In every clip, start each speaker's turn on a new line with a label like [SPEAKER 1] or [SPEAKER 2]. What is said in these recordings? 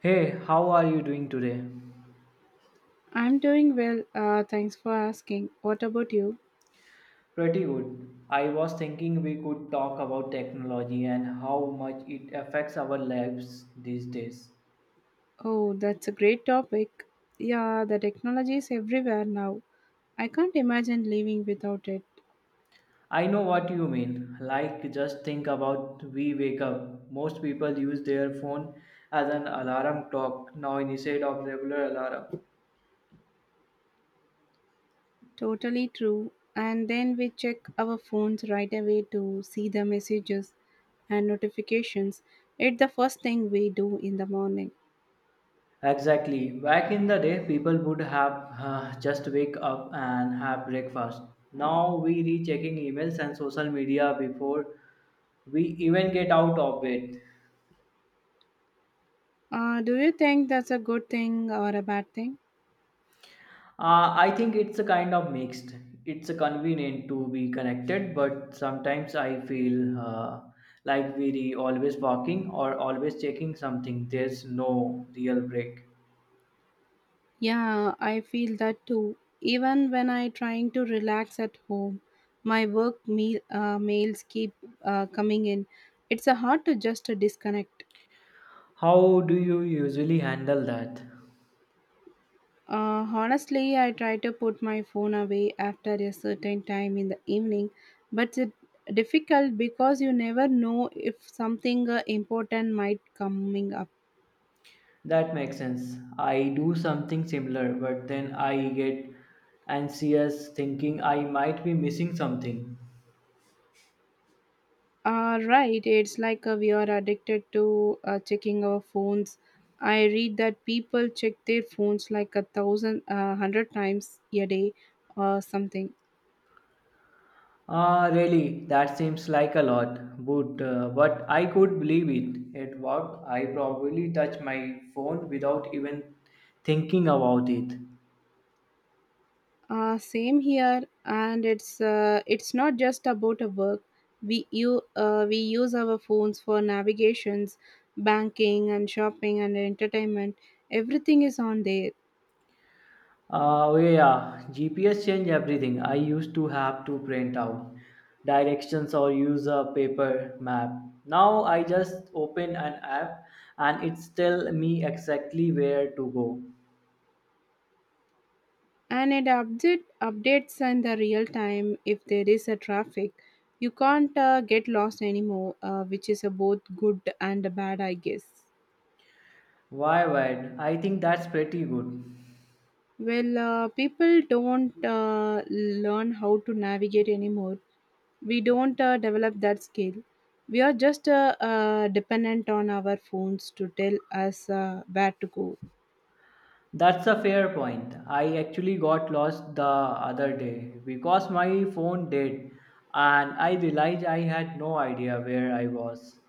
[SPEAKER 1] Hey, how are you doing today?
[SPEAKER 2] I'm doing well. Thanks for asking. What about you?
[SPEAKER 1] Pretty good. I was thinking we could talk about technology and how much it affects our lives these days.
[SPEAKER 2] Oh, that's a great topic. Yeah, the technology is everywhere now. I can't imagine living without it.
[SPEAKER 1] I know what you mean. Like, just think about we wake up. Most people use their phone as an alarm clock now instead of regular alarm.
[SPEAKER 2] Totally true. And then we check our phones right away to see the messages and notifications. It's the first thing we do in the morning.
[SPEAKER 1] Exactly. Back in the day, people would have just wake up and have breakfast. Now we checking emails and social media before we even get out of it.
[SPEAKER 2] Do you think that's a good thing or a bad thing?
[SPEAKER 1] I think it's a kind of mixed. It's a convenient to be connected, but sometimes I feel like we're always walking or always checking something. There's no real break.
[SPEAKER 2] Yeah, I feel that too. Even when I trying to relax at home, my work meal, mails keep coming in. It's a hard to just disconnect.
[SPEAKER 1] How do you usually handle that?
[SPEAKER 2] Honestly, I try to put my phone away after a certain time in the evening, but it's difficult because you never know if something important might coming up.
[SPEAKER 1] That makes sense. I do something similar, but then I get anxious thinking I might be missing something.
[SPEAKER 2] Right, it's like we are addicted to checking our phones. I read that people check their phones like a thousand, hundred times a day or something.
[SPEAKER 1] Ah, really, that seems like a lot, but I could believe it. At work, I probably touch my phone without even thinking about it.
[SPEAKER 2] Same here, and it's not just about a work. We use our phones for navigations, banking, and shopping and entertainment. Everything is on there.
[SPEAKER 1] Yeah, GPS changed everything. I used to have to print out directions or use a paper map. Now I just open an app and it tells me exactly where to go.
[SPEAKER 2] And updates in the real time if there is a traffic. You can't get lost anymore, which is a both good and a bad, I guess.
[SPEAKER 1] Why? I think that's pretty good.
[SPEAKER 2] Well, people don't learn how to navigate anymore. We don't develop that skill. We are just dependent on our phones to tell us where to go.
[SPEAKER 1] That's a fair point. I actually got lost the other day because my phone did, and I realized I had no idea where I was.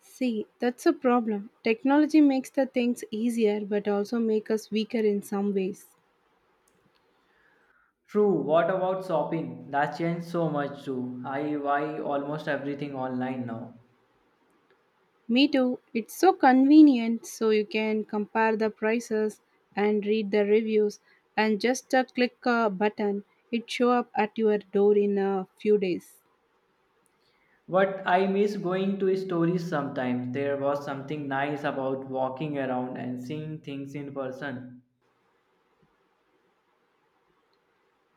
[SPEAKER 2] See, that's a problem. Technology makes the things easier but also make us weaker in some ways.
[SPEAKER 1] True, what about shopping? That's changed so much too. I buy almost everything online now.
[SPEAKER 2] Me too. It's so convenient, so you can compare the prices and read the reviews and just a click a button. It show up at your door in a few days.
[SPEAKER 1] But I miss going to stores sometimes. There was something nice about walking around and seeing things in person.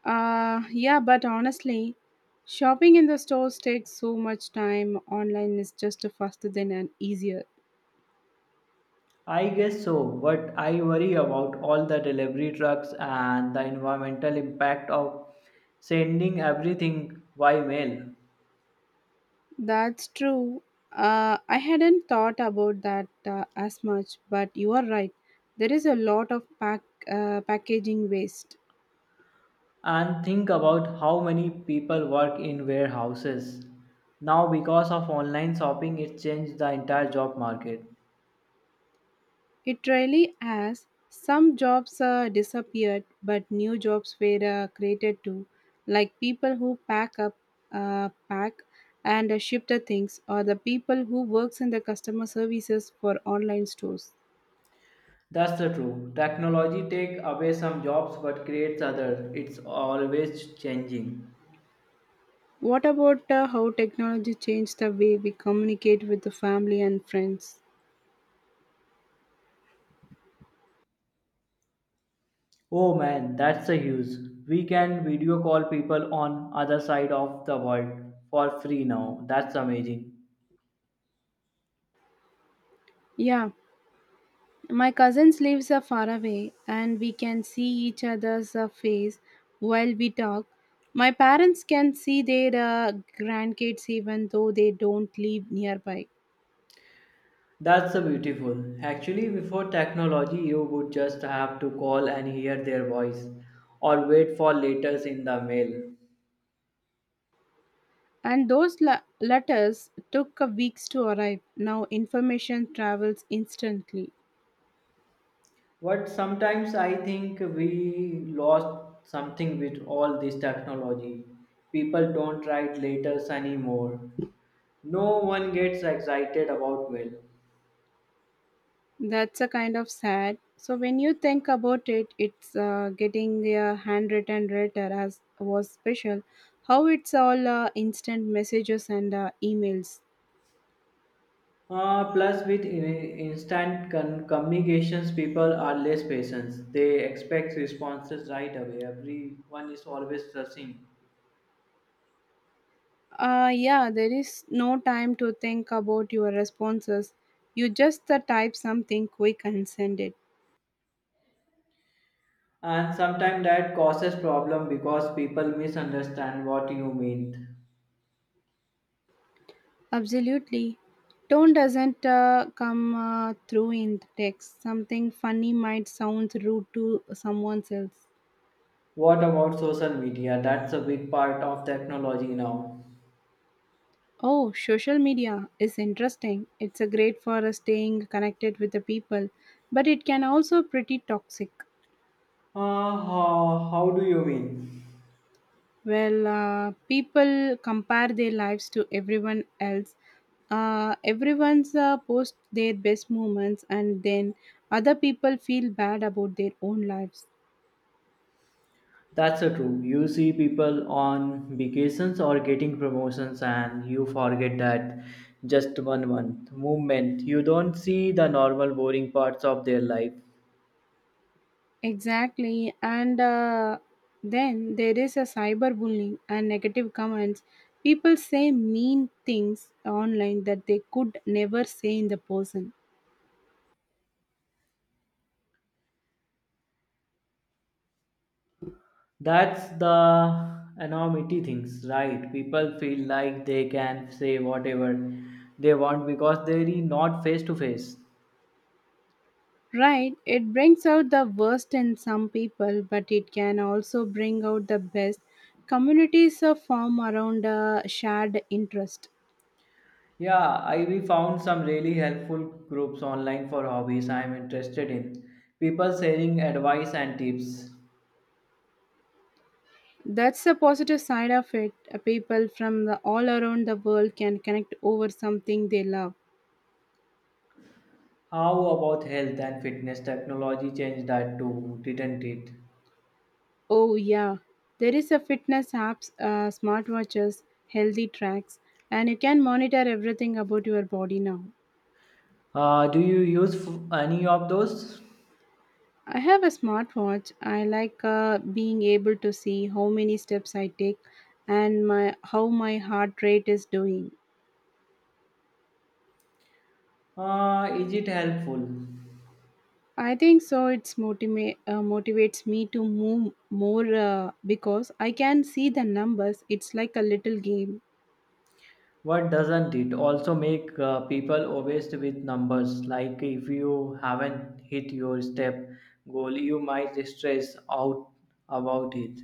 [SPEAKER 2] Yeah, but honestly, shopping in the stores takes so much time. Online is just faster than and easier.
[SPEAKER 1] I guess so, but I worry about all the delivery trucks and the environmental impact of sending everything by mail.
[SPEAKER 2] That's true. I hadn't thought about that as much, but you are right. There is a lot of packaging waste.
[SPEAKER 1] And think about how many people work in warehouses. Now, because of online shopping, it changed the entire job market.
[SPEAKER 2] It really has. Some jobs disappeared, but new jobs were created too, like people who pack and ship the things, or the people who works in the customer services for online stores.
[SPEAKER 1] That's the truth. Technology take away some jobs but creates others. It's always changing.
[SPEAKER 2] What about how technology changed the way we communicate with the family and friends?
[SPEAKER 1] Oh man, that's a huge. We can video call people on other side of the world for free now. That's amazing.
[SPEAKER 2] Yeah, my cousins lives are far away and we can see each other's face while we talk. My parents can see their grandkids even though they don't live nearby.
[SPEAKER 1] That's a beautiful. Actually, before technology, you would just have to call and hear their voice or wait for letters in the mail.
[SPEAKER 2] And those letters took weeks to arrive. Now information travels instantly.
[SPEAKER 1] But sometimes I think we lost something with all this technology. People don't write letters anymore. No one gets excited about mail.
[SPEAKER 2] That's a kind of sad. So when you think about it, it's getting a handwritten letter as was special. How it's all instant messages and emails.
[SPEAKER 1] Plus, with instant communications, people are less patient. They expect responses right away. Everyone is always rushing,
[SPEAKER 2] Yeah, there is no time to think about your responses. You just type something quick and send it.
[SPEAKER 1] and sometimes that causes problem because people misunderstand what you mean.
[SPEAKER 2] Absolutely. Tone doesn't come through in text. Something funny might sound rude to someone else.
[SPEAKER 1] What about social media? That's a big part of technology now.
[SPEAKER 2] Oh, social media is interesting. It's a great for staying connected with the people, but it can also pretty toxic.
[SPEAKER 1] How do you mean?
[SPEAKER 2] Well, people compare their lives to everyone else. Everyone's post their best moments, and then other people feel bad about their own lives.
[SPEAKER 1] That's so true. You see people on vacations or getting promotions, and you forget that just one month movement. You don't see the normal, boring parts of their life.
[SPEAKER 2] Exactly, and then there is a cyberbullying and negative comments. People say mean things online that they could never say in the person.
[SPEAKER 1] That's the enormity things, right? People feel like they can say whatever they want because they're not face to face.
[SPEAKER 2] Right, it brings out the worst in some people, but it can also bring out the best. Communities are formed around a shared interest.
[SPEAKER 1] Yeah, I we found some really helpful groups online for hobbies I'm interested in. People sharing advice and tips.
[SPEAKER 2] That's the positive side of it. People from the, all around the world can connect over something they love.
[SPEAKER 1] How about health and fitness? Technology changed that too, didn't it?
[SPEAKER 2] Oh yeah, there is a fitness apps, smartwatches, healthy tracks, and you can monitor everything about your body now.
[SPEAKER 1] Do you use any of those?
[SPEAKER 2] I have a smartwatch. I like being able to see how many steps I take and my how my heart rate is doing.
[SPEAKER 1] Is it helpful?
[SPEAKER 2] I think so. It's motivates me to move more because I can see the numbers. It's like a little game.
[SPEAKER 1] What doesn't it also make people obsessed with numbers? Like if you haven't hit your step goal, you might stress out about it.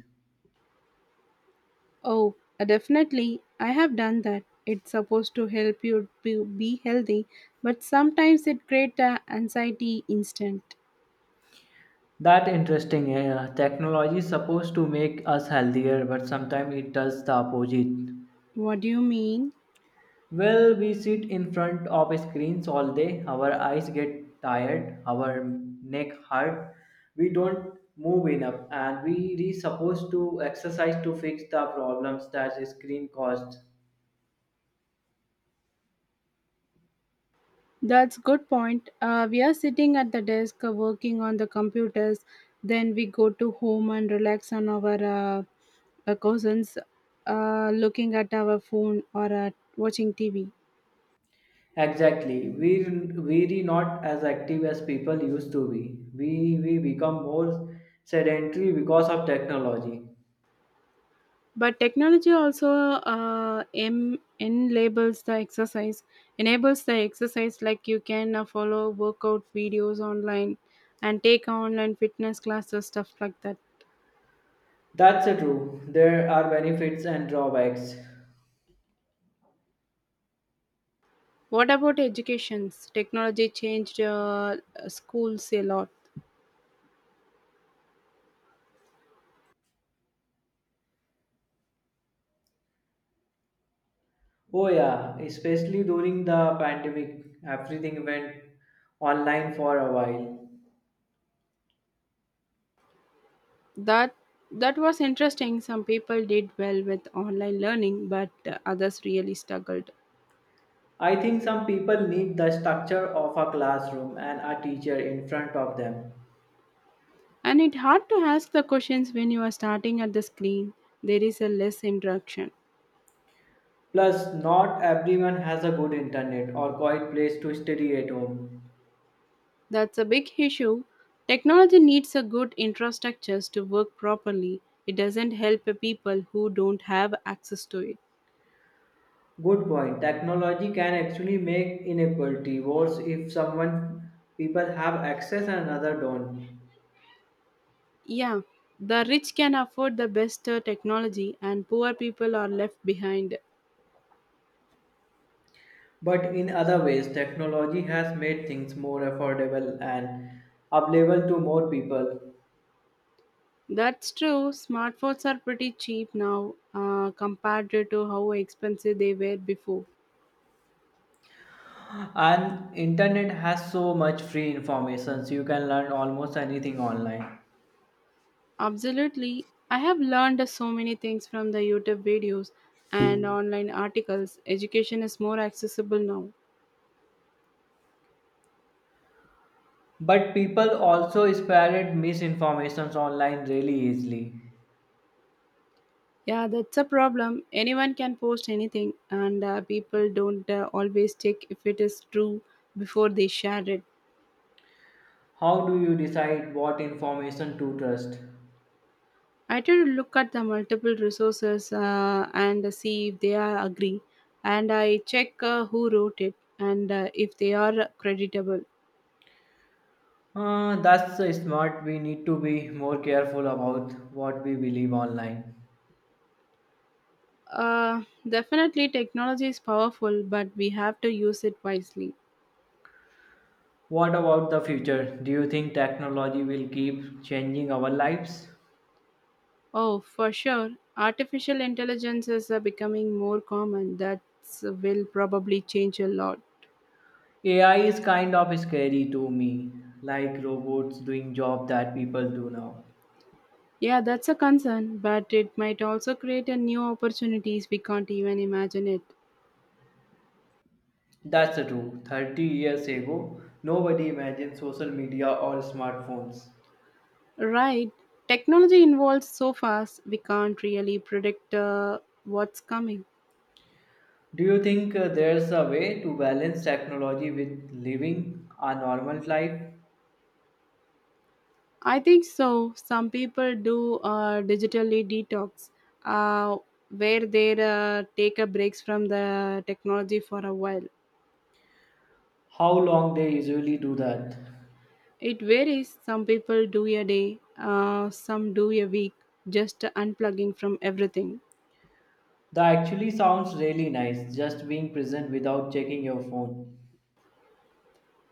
[SPEAKER 2] Oh, definitely. I have done that. It's supposed to help you to be healthy, but sometimes it creates anxiety instant.
[SPEAKER 1] That interesting. Technology is supposed to make us healthier, but sometimes it does the opposite.
[SPEAKER 2] What do you mean?
[SPEAKER 1] Well, we sit in front of screens all day. Our eyes get tired, our neck hurt. We don't move enough, and we are supposed to exercise to fix the problems that screen caused.
[SPEAKER 2] That's good point. We are sitting at the desk working on the computers. Then we go to home and relax on our cousins, looking at our phone or watching TV.
[SPEAKER 1] Exactly, we are not as active as people used to be. We become more sedentary because of technology.
[SPEAKER 2] But technology also enables the exercise, enables the exercise, like you can follow workout videos online and take online fitness classes, stuff like that.
[SPEAKER 1] That's a true. There are benefits and drawbacks.
[SPEAKER 2] What about educations? Technology changed schools a lot.
[SPEAKER 1] Oh yeah, especially during the pandemic, everything went online for a while.
[SPEAKER 2] That that was interesting. Some people did well with online learning, but others really struggled.
[SPEAKER 1] I think some people need the structure of a classroom and a teacher in front of them.
[SPEAKER 2] And it hard to ask the questions when you are starting at the screen. There is a less interaction.
[SPEAKER 1] Plus, not everyone has a good internet or quiet place to study at home.
[SPEAKER 2] That's a big issue. Technology needs a good infrastructures to work properly. It doesn't help people who don't have access to it.
[SPEAKER 1] Good point. Technology can actually make inequality worse if someone people have access and another don't.
[SPEAKER 2] Yeah, the rich can afford the best technology and poor people are left behind.
[SPEAKER 1] But in other ways, technology has made things more affordable and available to more people.
[SPEAKER 2] That's true. Smartphones are pretty cheap now compared to how expensive they were before.
[SPEAKER 1] And internet has so much free information, so you can learn almost anything online.
[SPEAKER 2] Absolutely. I have learned so many things from the YouTube videos and online articles. Education is more accessible now.
[SPEAKER 1] But people also spread misinformation online really easily.
[SPEAKER 2] Yeah, that's a problem. Anyone can post anything, and people don't always check if it is true before they share it.
[SPEAKER 1] How do you decide what information to trust?
[SPEAKER 2] I try to look at the multiple resources and see if they are agree, and I check who wrote it and if they are creditable.
[SPEAKER 1] That's smart. We need to be more careful about what we believe online.
[SPEAKER 2] Uh, Definitely, technology is powerful, but we have to use it wisely.
[SPEAKER 1] What about the future? Do you think technology will keep changing our lives?
[SPEAKER 2] Oh, for sure, artificial intelligences are becoming more common. That will probably change a lot.
[SPEAKER 1] AI is kind of scary to me, like robots doing jobs that people do now.
[SPEAKER 2] Yeah, that's a concern, but it might also create a new opportunities we can't even imagine it.
[SPEAKER 1] That's the truth. 30 years ago, nobody imagined social media or smartphones.
[SPEAKER 2] Right. Technology evolves so fast, we can't really predict what's coming.
[SPEAKER 1] Do you think there's a way to balance technology with living a normal life?
[SPEAKER 2] I think so. Some people do digitally detox, uh, where they take a breaks from the technology for a while.
[SPEAKER 1] How long they usually do that?
[SPEAKER 2] It varies. Some people do a day, some do a week, just unplugging from everything.
[SPEAKER 1] That actually sounds really nice, just being present without checking your phone.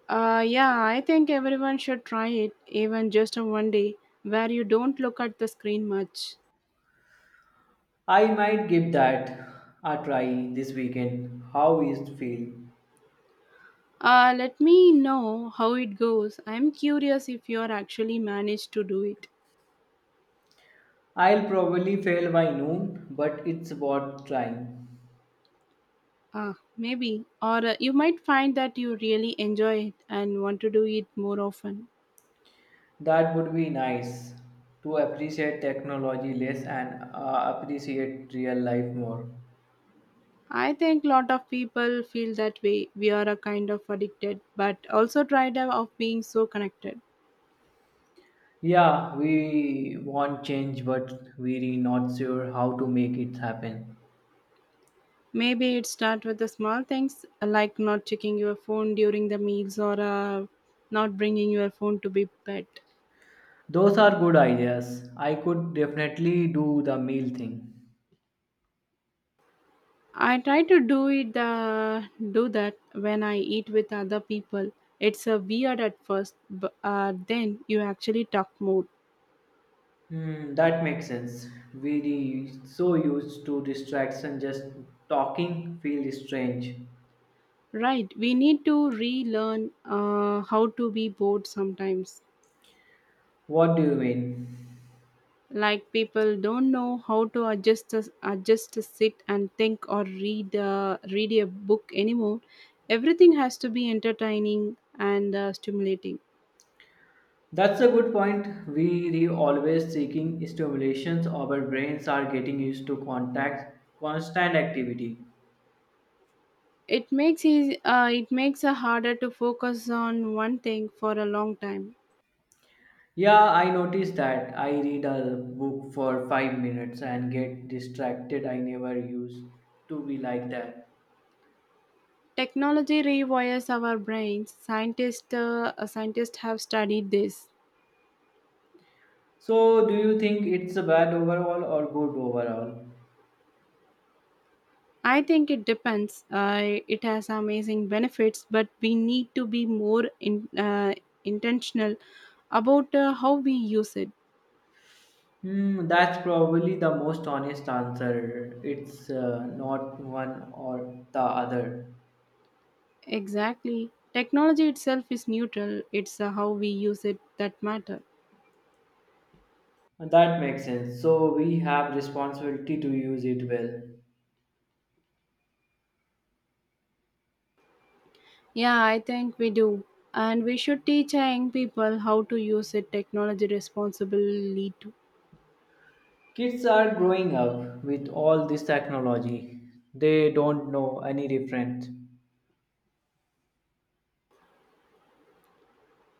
[SPEAKER 2] Yeah, I think everyone should try it, even just a 1 day, where you don't look at the screen much.
[SPEAKER 1] I might give that a try this weekend. How is it feel?
[SPEAKER 2] Let me know how it goes. I'm curious if you are actually managed to do it.
[SPEAKER 1] I'll probably fail by noon, but it's worth trying.
[SPEAKER 2] Ah, maybe. Or you might find that you really enjoy it and want to do it more often.
[SPEAKER 1] That would be nice to appreciate technology less and appreciate real life more.
[SPEAKER 2] I think lot of people feel that way. We are a kind of addicted, but also tired of being so connected.
[SPEAKER 1] Yeah, we want change, but we're not sure how to make it happen.
[SPEAKER 2] Maybe it start with the small things, like not checking your phone during the meals or not bringing your phone to be bed.
[SPEAKER 1] Those are good ideas. I could definitely do the meal thing.
[SPEAKER 2] I try to do it the do that when I eat with other people. It's a weird at first, but then you actually talk more.
[SPEAKER 1] Hmm, that makes sense. We so used to distraction, just talking feels strange.
[SPEAKER 2] Right? We need to relearn how to be bored sometimes.
[SPEAKER 1] What do you mean?
[SPEAKER 2] Like people don't know how to adjust to sit and think or read a book anymore. Everything has to be entertaining and stimulating.
[SPEAKER 1] That's a good point. We re always seeking stimulations. Our brains are getting used to contact constant activity.
[SPEAKER 2] It it makes it harder to focus on one thing for a long time.
[SPEAKER 1] Yeah, I noticed that. I read a book for 5 minutes and get distracted. I never used to be like that.
[SPEAKER 2] Technology rewires our brains. Scientists have studied this.
[SPEAKER 1] So, do you think it's a bad overall or good overall?
[SPEAKER 2] I think it depends. It has amazing benefits, but we need to be more intentional about how we use it.
[SPEAKER 1] Hmm, that's probably the most honest answer. It's not one or the other.
[SPEAKER 2] Exactly. Technology itself is neutral. It's how we use it that matter.
[SPEAKER 1] That makes sense. So we have responsibility to use it well.
[SPEAKER 2] Yeah, I think we do. And we should teach our young people how to use it technology responsibly too.
[SPEAKER 1] Kids are growing up with all this technology. They don't know any different.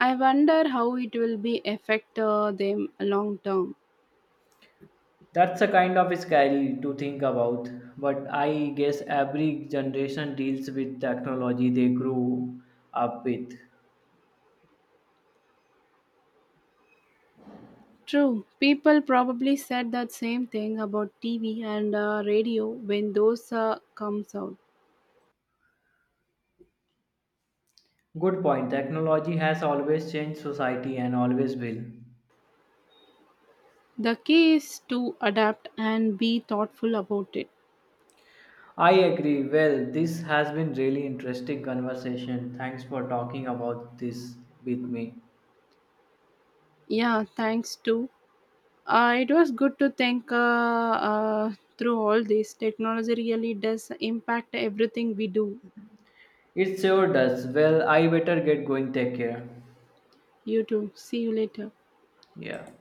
[SPEAKER 2] I wonder how it will be affect them long term.
[SPEAKER 1] That's a kind of scary to think about, but I guess every generation deals with technology they grew up with.
[SPEAKER 2] True, people probably said that same thing about TV and radio when those comes out.
[SPEAKER 1] Good point. Technology has always changed society and always will.
[SPEAKER 2] The key is to adapt and be thoughtful about it.
[SPEAKER 1] I agree. Well, this has been really interesting conversation. Thanks for talking about this with me.
[SPEAKER 2] Yeah, thanks to. It was good to think through all this. Technology really does impact everything we do.
[SPEAKER 1] It sure does. Well, I better get going. Take care.
[SPEAKER 2] You too. See you later.
[SPEAKER 1] Yeah.